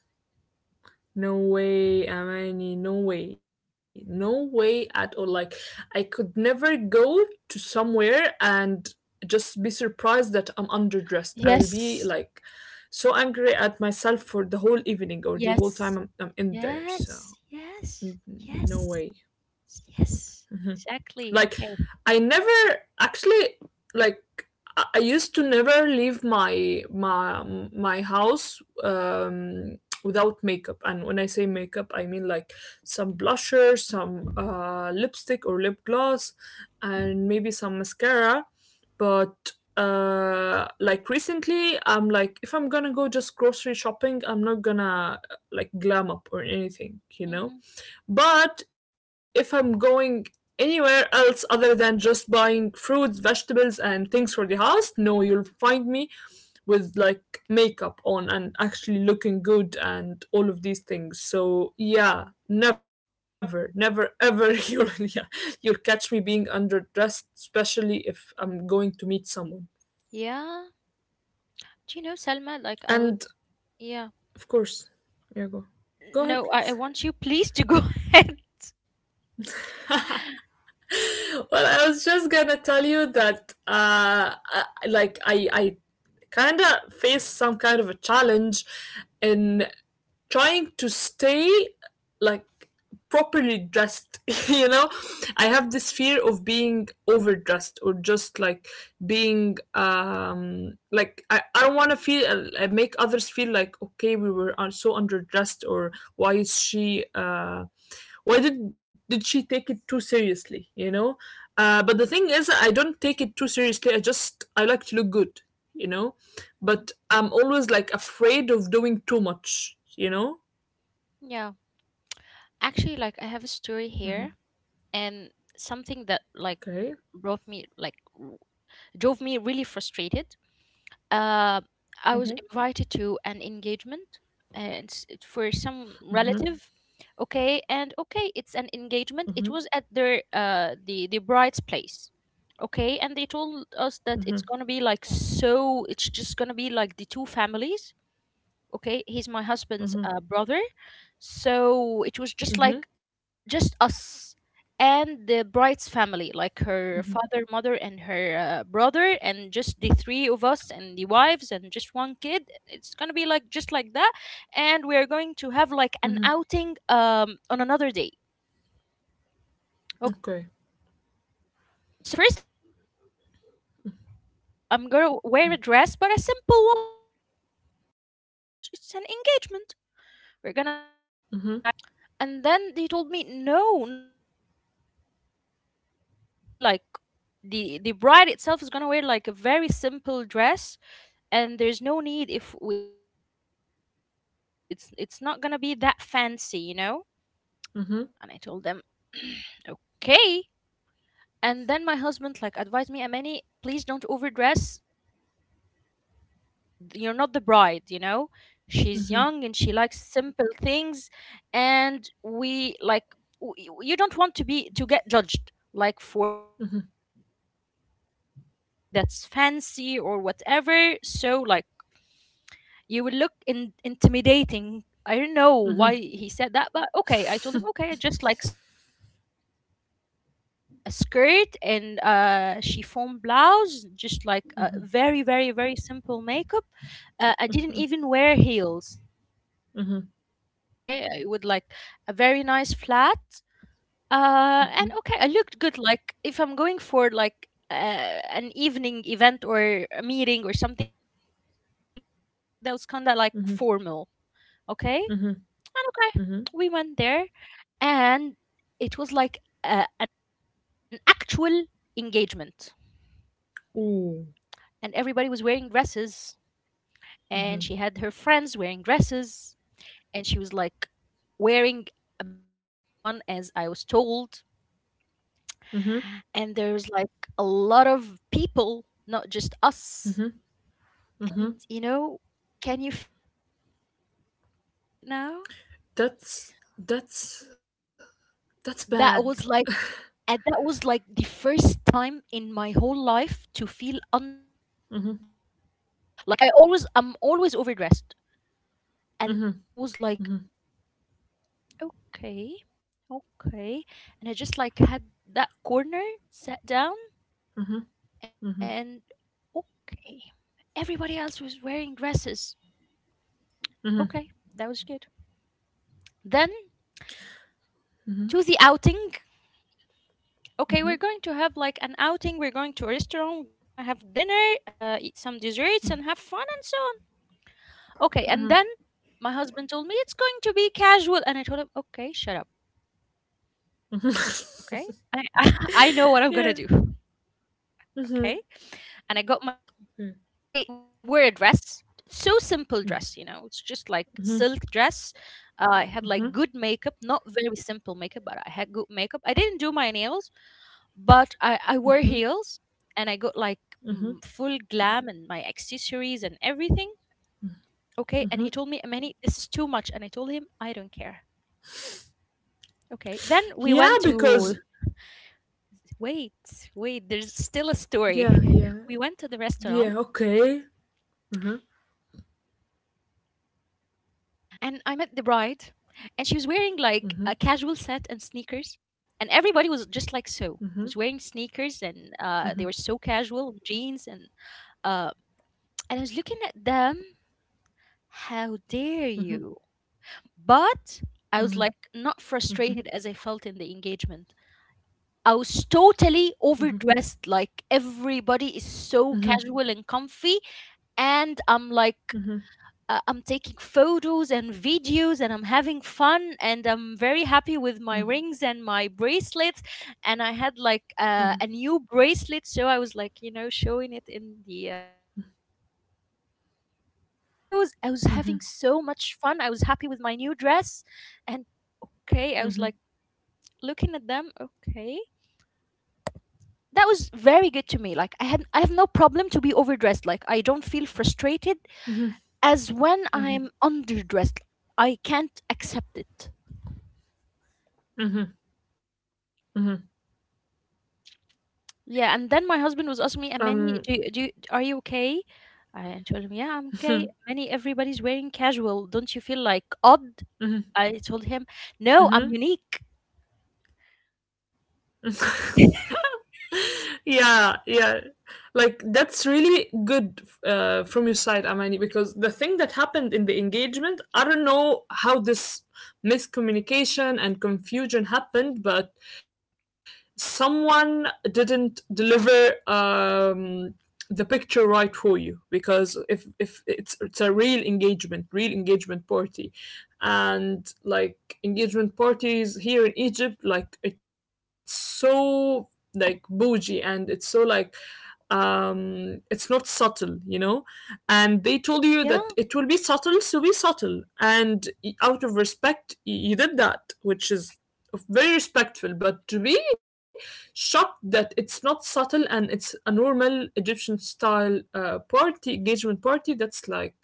S2: No way, Amani, no way, no way at all. Like, I could never go to somewhere and just be surprised that I'm underdressed. I will be
S1: Yes,
S2: like so angry at myself for the whole evening or the whole
S1: yes,
S2: time I'm in there. So,
S1: yes, yes,
S2: no
S1: yes,
S2: way.
S1: yes.
S2: Mm-hmm.
S1: Exactly.
S2: Like,
S1: Okay.
S2: I never actually, like, I used to never leave my my house, without makeup. And when I say makeup, I mean like some blusher, some lipstick or lip gloss, and maybe some mascara. But like, recently, I'm like, if I'm gonna go just grocery shopping, I'm not gonna like, glam up or anything, you know,
S1: Mm-hmm.
S2: but if I'm going anywhere else other than just buying fruits, vegetables, and things for the house, no, you'll find me with like makeup on and actually looking good and all of these things. So yeah, never, never, ever <laughs> you'll yeah, you'll catch me being underdressed, especially if I'm going to meet someone.
S1: Yeah. Do you know, Selma? Like, I was.
S2: And
S1: Yeah.
S2: of course, yeah, go. Go ahead,
S1: No, I
S2: please.
S1: want you please to go <laughs> ahead.
S2: <laughs> Well, I was just gonna tell you that, I kind of face some kind of a challenge in trying to stay, like, properly dressed. <laughs> You know, I have this fear of being overdressed, or just like being, like, I don't want to feel make others feel like, okay, we were so underdressed, or why is she why did she take it too seriously, you know. But the thing is, I don't take it too seriously, I just I like to look good, you know,
S1: Mhm.
S2: but I'm always like afraid of doing too much, you know?
S1: Yeah. Actually, like, I have a story here and something that,
S2: Okay.
S1: like, brought me, like, drove me really frustrated. uh, I was invited to an engagement, and it's for some relative. Okay, and okay, it's an engagement. It was at their the bride's place. Okay, and they told us that it's gonna be like so. It's just gonna be like the two families. Okay, he's my husband's brother, so it was just
S2: Mm-hmm.
S1: like just us and the bride's family, like her father, mother, and her brother, and just the three of us and the wives and just one kid. It's gonna be like just like that, and we are going to have like an outing on another day.
S2: Okay.
S1: Okay, so the first my first thought, okay, I'm gonna wear a dress, but a simple one. Okay, after all, it's an engagement. We're gonna have like photographs and
S2: Mm-hmm.
S1: so. And then they told me no, not not to that extent. It's gonna be like the bride itself is gonna wear like a very simple dress, and there's no need if we all like wear dresses. Like, it's not gonna be that fancy, you know. And I told them
S2: Mm-hmm.
S1: <clears throat> okay. And then my husband like advised me, Amani, please don't overdress because like you're not the bro you're not the bride, you know. She's young and she likes
S2: Mm-hmm.
S1: simple things. And we like you don't want to be to get judged like for wearing something that's fancy or whatever. So like you will look intimidating. I don't know why he said that, but okay. I told him, okay. I just like stuck to a skirt and chiffon blouse, just like a very, very, very simple makeup. I didn't even wear heels. Like, okay, I would like a very nice flat. And okay, I looked good. Like, if I'm going for like an evening event or a meeting or something, that was kind of like formal, okay?
S2: Mm-hmm.
S1: Okay, we went
S2: Mm-hmm.
S1: there,
S2: Mm-hmm.
S1: and it was like a, an actual engagement, and everybody was wearing
S2: Ooh.
S1: dresses. And she had her friends wearing
S2: Mm-hmm.
S1: dresses, and she was like wearing a big dress, not a simple one as I was told.
S2: Mm-hmm.
S1: And there was like a lot of people, not just us. And you know, can you feel my feeling right now?
S2: That's that's that's bad.
S1: That was like. And that was like the first time in my whole life to feel underdressed. Like I always I'm always overdressed. And that was like, okay, okay. And I just like had that corner, sat down, and okay. Everybody else was wearing dresses. Okay, that was good. Then to the outing. Okay, we're going to have like an outing. We're going to a restaurant. We're gonna have dinner, eat some desserts, and have fun and so. Okay. And then my husband told me it's going to be casual. And I told him, okay, shut up.
S2: Mhm.
S1: Okay. I, <laughs> I know what
S2: <laughs>
S1: I'm going to
S2: Yeah.
S1: do. Okay.
S2: Mm-hmm.
S1: And I got myself like, I wear a dress, so simple dress, you know, it's just like silk dress. I had like good makeup, not very simple makeup, but I had good makeup. I didn't do my nails, but I wore heels, and I got like
S2: Mm-hmm.
S1: full glam and my accessories and everything. Okay. And he told me, Amani, this is too much. And I told him, I don't care. Okay. Then we
S2: Yeah,
S1: went to
S2: because,
S1: wait, wait, there's still a story.
S2: yeah,
S1: <laughs>
S2: yeah.
S1: We went to the restaurant
S2: Yeah, okay.
S1: and I met the bride, and she was wearing like a casual set and sneakers. And everybody was just like so was wearing sneakers and they were so casual, jeans uh and I was looking at them, how dare you. But I was like not frustrated as I felt in the engagement. I was totally overdressed. Like everybody is so casual and comfy. And I'm like, I'm taking photos and videos and I'm having fun. And I'm very happy with my rings and my bracelets. And I had like a new bracelet. So I was like, you know, showing it in the. In the photos, I was having so much fun, I was happy with my new dress. And
S2: Mm-hmm.
S1: okay, I was like looking at them, okay. That was very good to me. Like I had I have no problem to be overdressed. Like I don't feel frustrated as when I'm underdressed. I can't accept it. Yeah. And then my husband was asking me,
S2: Um,
S1: Amani, are you okay? I told him, yeah, I'm okay. Amani, everybody's wearing casual, don't you feel like odd? I told him, no, I'm
S2: mhm.
S1: unique.
S2: Yeah, yeah, like that's really good from your side, Amani. Because the thing that happened in the engagement, I don't know how this miscommunication and confusion happened, but someone didn't deliver the picture right for you. Because if it's a real engagement, real engagement party. And like engagement parties here in Egypt, like, it's so, like, bougie, and it's so, like, it's not subtle, you know? And they
S1: <laughs>
S2: told you that it will be subtle, so be subtle, and out of respect you did that, which is very respectful. But to be shocked that it's not subtle and it's a normal Egyptian style party, engagement party, that's like,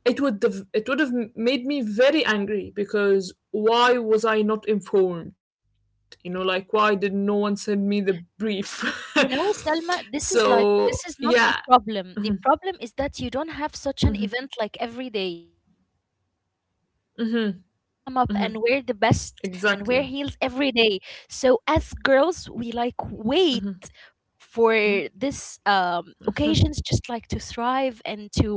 S2: it would have made me very angry. Because why was I not informed? You know, like why did no one send me the brief?
S1: You know,
S2: <laughs>
S1: Selma, this is
S2: So
S1: like this
S2: yeah,
S1: is not the problem. The problem is that you don't have such an event like every day. You don't have the chance to glam up and wear the best and wear heels every
S2: exactly,
S1: day. So as girls, we like wait for this occasions just like to thrive and to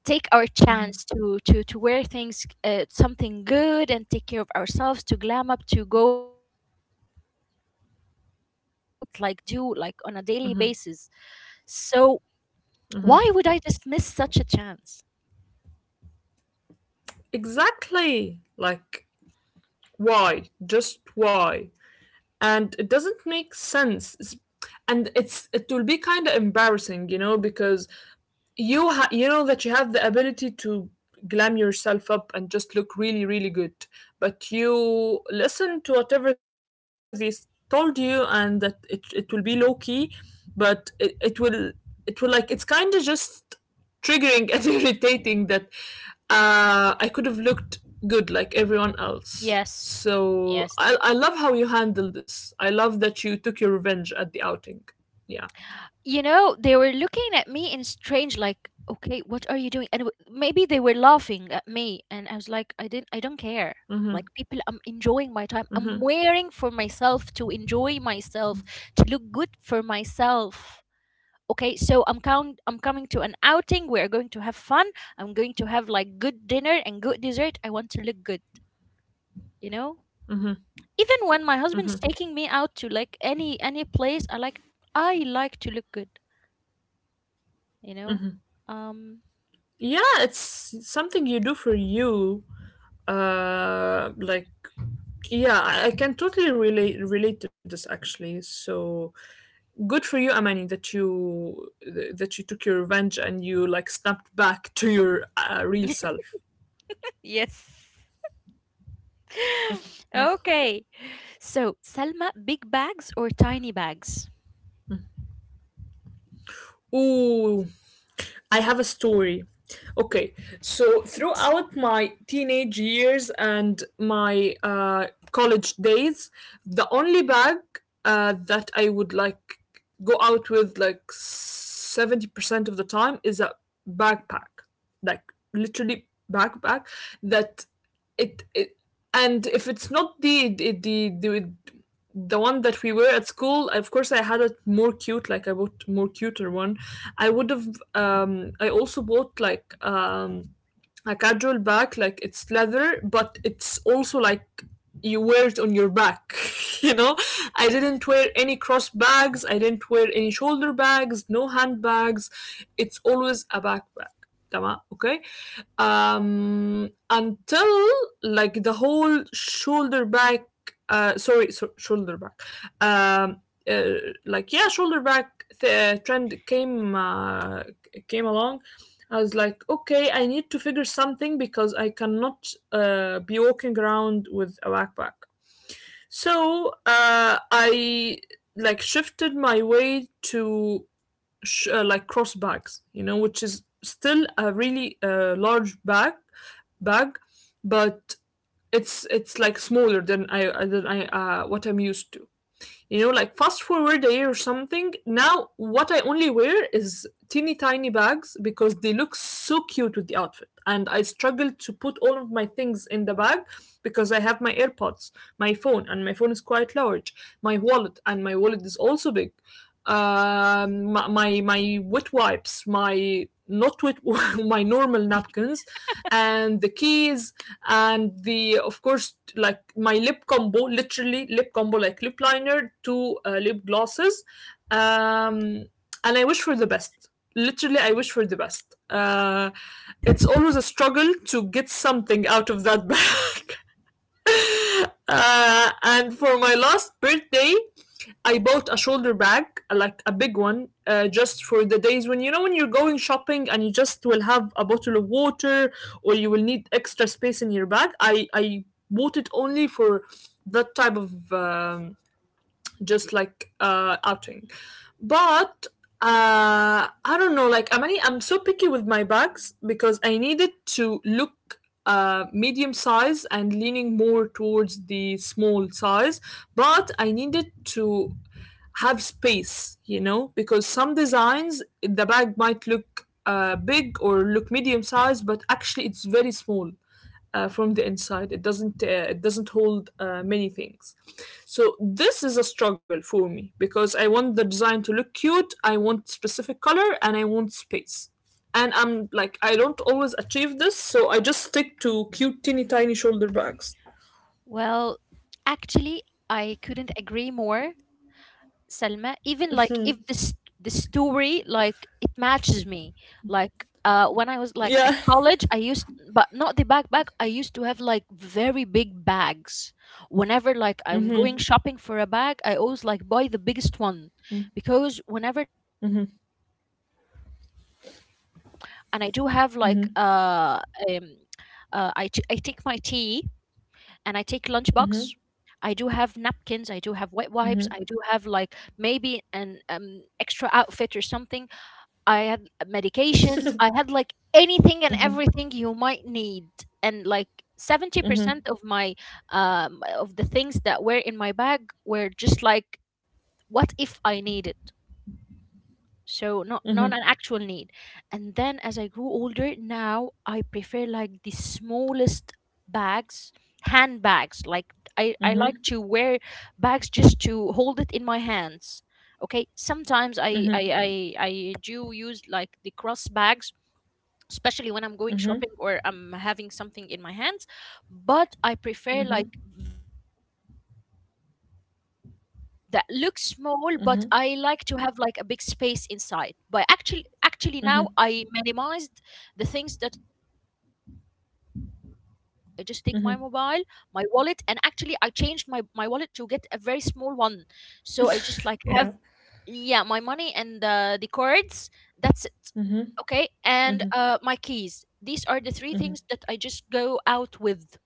S1: take our chance to wear things something good and take care of ourselves, to glam up, to go out with full makeup that we don't like do like on a daily basis. So why would I just miss such a chance?
S2: exactly. Like why? Just why? And it doesn't make sense. And it's, it will be kind of embarrassing, you know? Because you know that you have the ability to glam yourself up and just look really really good, but you listen to whatever told you and that it will be low key. But it will, it will, like, it's kind of just triggering and <laughs> irritating that I could have looked good like everyone else.
S1: Yes.
S2: So I
S1: Yes.
S2: I love how you handled this. I love that you took your revenge at the outing. Yeah.
S1: You know, they were looking at me in strange, like, okay, what are you doing? And maybe they were laughing at me, and I was like, I don't care.
S2: Mm-hmm.
S1: Like people, I'm enjoying my time.
S2: Mm-hmm.
S1: I'm wearing for myself to enjoy myself, to look good for myself. Okay, so I'm coming to an outing. We're going to have fun. I'm going to have like good dinner and good dessert. I want to look good, you know? Even when my husband's
S2: Mm-hmm.
S1: taking me out to like any place I like, I like to look good. you know um
S2: Yeah, it's something you do for you. Uh, like, yeah, I I can totally relate to this, actually. So good for you, Amani, that that you took your revenge and you, like, snapped back to your
S1: <laughs>
S2: real self.
S1: yes. <laughs> Okay, so Salma, big bags or tiny bags?
S2: Ooh, I have a story. Okay,
S1: Please.
S2: so throughout my teenage years and my college days, the only bag that I would, like, go out with like 70% of the time is a backpack. Like, literally, backpack. That it And if it's not the the one that we were at school, of course, I had a more cute, like, I bought more cuter one I would have. I also bought like, a casual bag, like, it's leather, but it's also like you wear it on your back, <laughs> you know? I didn't wear any cross bags, I didn't wear any shoulder bags, no handbags. It's always a backpack. تمام. Okay, until, like, the whole shoulder back, shoulder back, um uh, like, yeah, shoulder back trend came, came along. I was like, okay, I need to figure something because I cannot be walking around with a backpack. So I, like, shifted my way to like, cross bags, you know, which is still a really large bag, but it's like smaller than I what I'm used to. You know, like, fast forward a year or something. Now, what I only wear is teeny tiny bags because they look so cute with the outfit. And I struggle to put all of my things in the bag because I have my AirPods, my phone, and my phone is quite large, my wallet, and my wallet is also big. My wet wipes, my not wet, <laughs> my normal napkins, and the keys, and, the of course, like, my lip combo, literally lip combo, like lip liner to lip glosses um and I wish for the best, literally I wish for the best. It's always a struggle to get something out of that bag. <laughs> And for my last birthday, I bought a shoulder bag, like a big one, just for the days when, you know, when you're going shopping and you just will have a bottle of water or you will need extra space in your bag. I bought it only for that type of just like outing. But I don't know, like, Amani, I'm so picky with my bags because I needed to look medium size and leaning more towards the small size, but I needed to have space, you know, because some designs the bag might look big or look medium size but actually it's very small from the inside. It doesn't hold many things. So this is a struggle for me because I want the design to look cute. I want specific color and I want space. And I'm like, I don't always achieve this, so I just stick to cute teeny tiny shoulder bags.
S1: Well, actually, I couldn't agree more, Selma. Even like if this the story like it matches me. Like when I was like at
S2: Yeah,
S1: college, I used but not the backpack. I used to have like very big bags. Whenever like I'm going shopping for a bag, I always like buy the biggest one, because whenever like I'm going to college, I have my books, and I do have like um I take my tea and I take lunchbox. I do have napkins, I do have wet wipes, I do have like maybe an extra outfit or something. I had medications, I had like anything and everything you might need. And like 70% of my of the things that were in my bag were just like, what if I need it? So not an actual need. And then as I grew older, now I prefer like the smallest bags, handbags. Like I like to wear bags just to hold it in my hands. Okay, sometimes I do use like the cross bags, especially when I'm going shopping or I'm having something in my hands, but I prefer like very small bags that looks small, but I like to have like a big space inside. But actually now I minimized the things that I take with me when I'm going out. Like I just take my mobile, my wallet, and actually I changed my wallet to get a very small one. So I just like
S2: <laughs>
S1: have
S2: yeah.
S1: yeah my money and the cards. That's it. Okay, and my keys. These are the three things that I just go out with.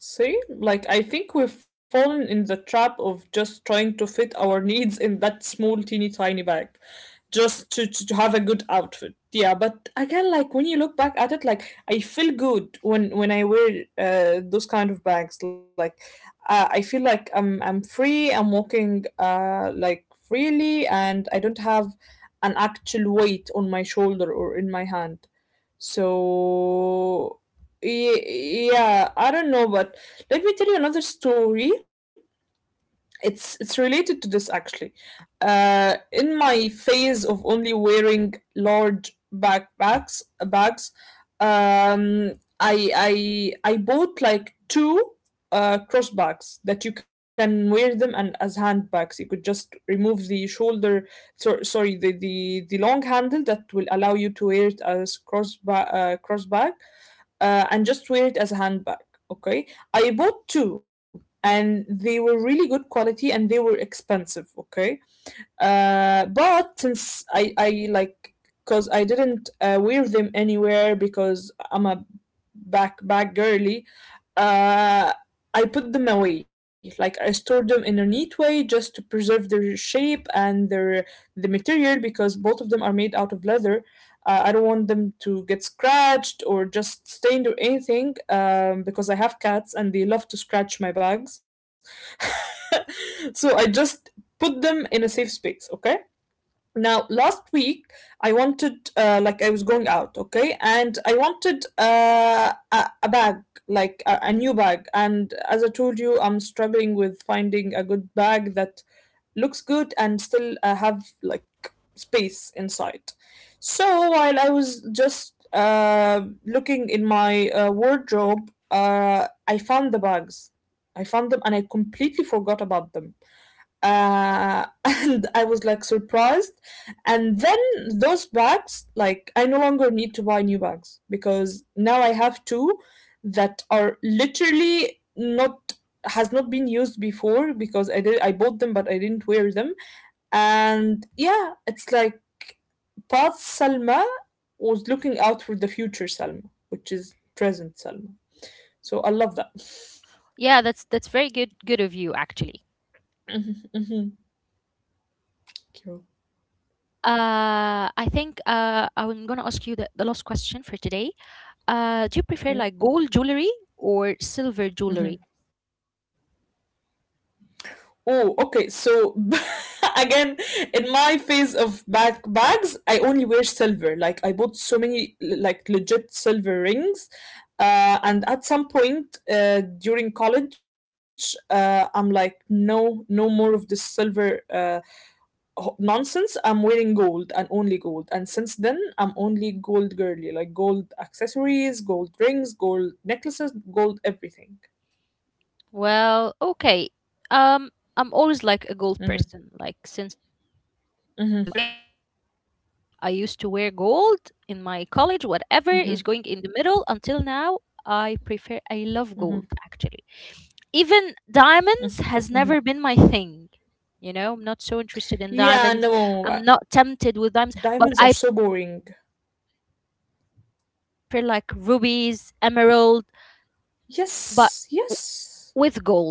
S2: See, like, I think we've fallen in the trap of just trying to fit our needs in that small, teeny tiny bag, just to have a good outfit. Yeah, but again, like, when you look back at it, like, I feel good when I wear those kind of bags. Like, I feel like I'm free. I'm walking like freely, and I don't have an actual weight on my shoulder or in my hand. So yeah, I don't know. But let me tell you another story. It's related to this, actually. Uh, in my phase of only wearing large backpacks, bags, um I bought like two cross bags that you can wear them and as handbags you could just remove the shoulder, so, sorry the, long handle that will allow you to wear it as cross bag, and just wear it as a handbag. Okay, I bought two and they were really good quality and they were expensive. Okay, but since I like, because I didn't wear them anywhere, because I'm a back girly. Uh, I put them away. Like, I stored them in a neat way just to preserve their shape and the material, because both of them are made out of leather. I don't want them to get scratched or just stained or anything, because I have cats and they love to scratch my bags. <laughs> So I just put them in a safe space. Okay, now last week, I wanted, like, I was going out, okay, and I wanted a bag, like a new bag. And as I told you, I'm struggling with finding a good bag that looks good and still have, like, space inside. So while I was just looking in my wardrobe, I found the bags. I found them and I completely forgot about them, <laughs> and I was like, surprised. And then, those bags, like, I no longer need to buy new bags because now I have two that are literally not, has not been used before, because I did, I bought them but I didn't wear them.
S1: Hmm.
S2: And yeah, it's like past Salma was looking out for the future Salma, which is present Salma. So I love that.
S1: Yeah, that's very good of you actually.
S2: <laughs> Hmm.
S1: Okay. I think I'm gonna ask you the last question for today. Do you prefer like gold
S2: Okay.
S1: jewelry or silver jewelry?
S2: Mm-hmm. Oh, okay. So <laughs> again, in my phase of bag bags, I only wear silver. Like, I bought so many like legit silver rings. And at some point during college, I'm like, no, no more of this silver nonsense. I'm wearing gold and only gold. And since then, I'm only gold girly, like gold accessories, gold rings, gold necklaces, gold everything.
S1: Well, okay. Um, I'm always like a
S2: Mm-hmm,
S1: gold person. Like since I was l- a very
S2: mm-hmm,
S1: little kid, I used to wear gold in my college, whatever is going in the
S2: mm-hmm,
S1: middle. Until now, I prefer. I love gold
S2: mm-hmm.
S1: actually. Even diamonds
S2: Mm-hmm.
S1: has never been my thing. You know, I'm not so interested in
S2: Yeah,
S1: diamonds.
S2: no,
S1: I'm not tempted with diamonds, but
S2: diamonds are
S1: I,
S2: so boring.
S1: yeah, I prefer like rubies, emerald, but w-
S2: Yes,
S1: with
S2: yes.
S1: gold.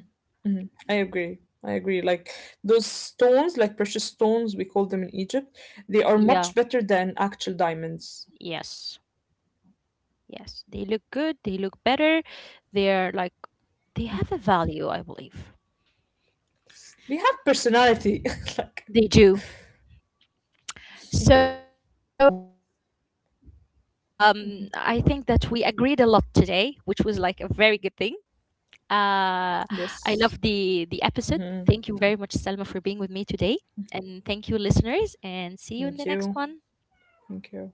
S2: Mhm, I agree. I agree. Like,
S1: Yeah.
S2: those stones, like, precious stones, we call them in Egypt, they
S1: Yeah.
S2: are much better than actual diamonds.
S1: Yes. Yes. They look good. They look better. They're like, they have a value, I believe.
S2: They have personality. <laughs> Like,
S1: They do. So, well, I think that we agreed a lot today, which was like a very good thing. Uh,
S2: yes.
S1: I love the episode. Thank you very much, Selma, for being with me today, and thank you, listeners. And see you in
S2: Thank
S1: the next
S2: you.
S1: one.
S2: Thank you.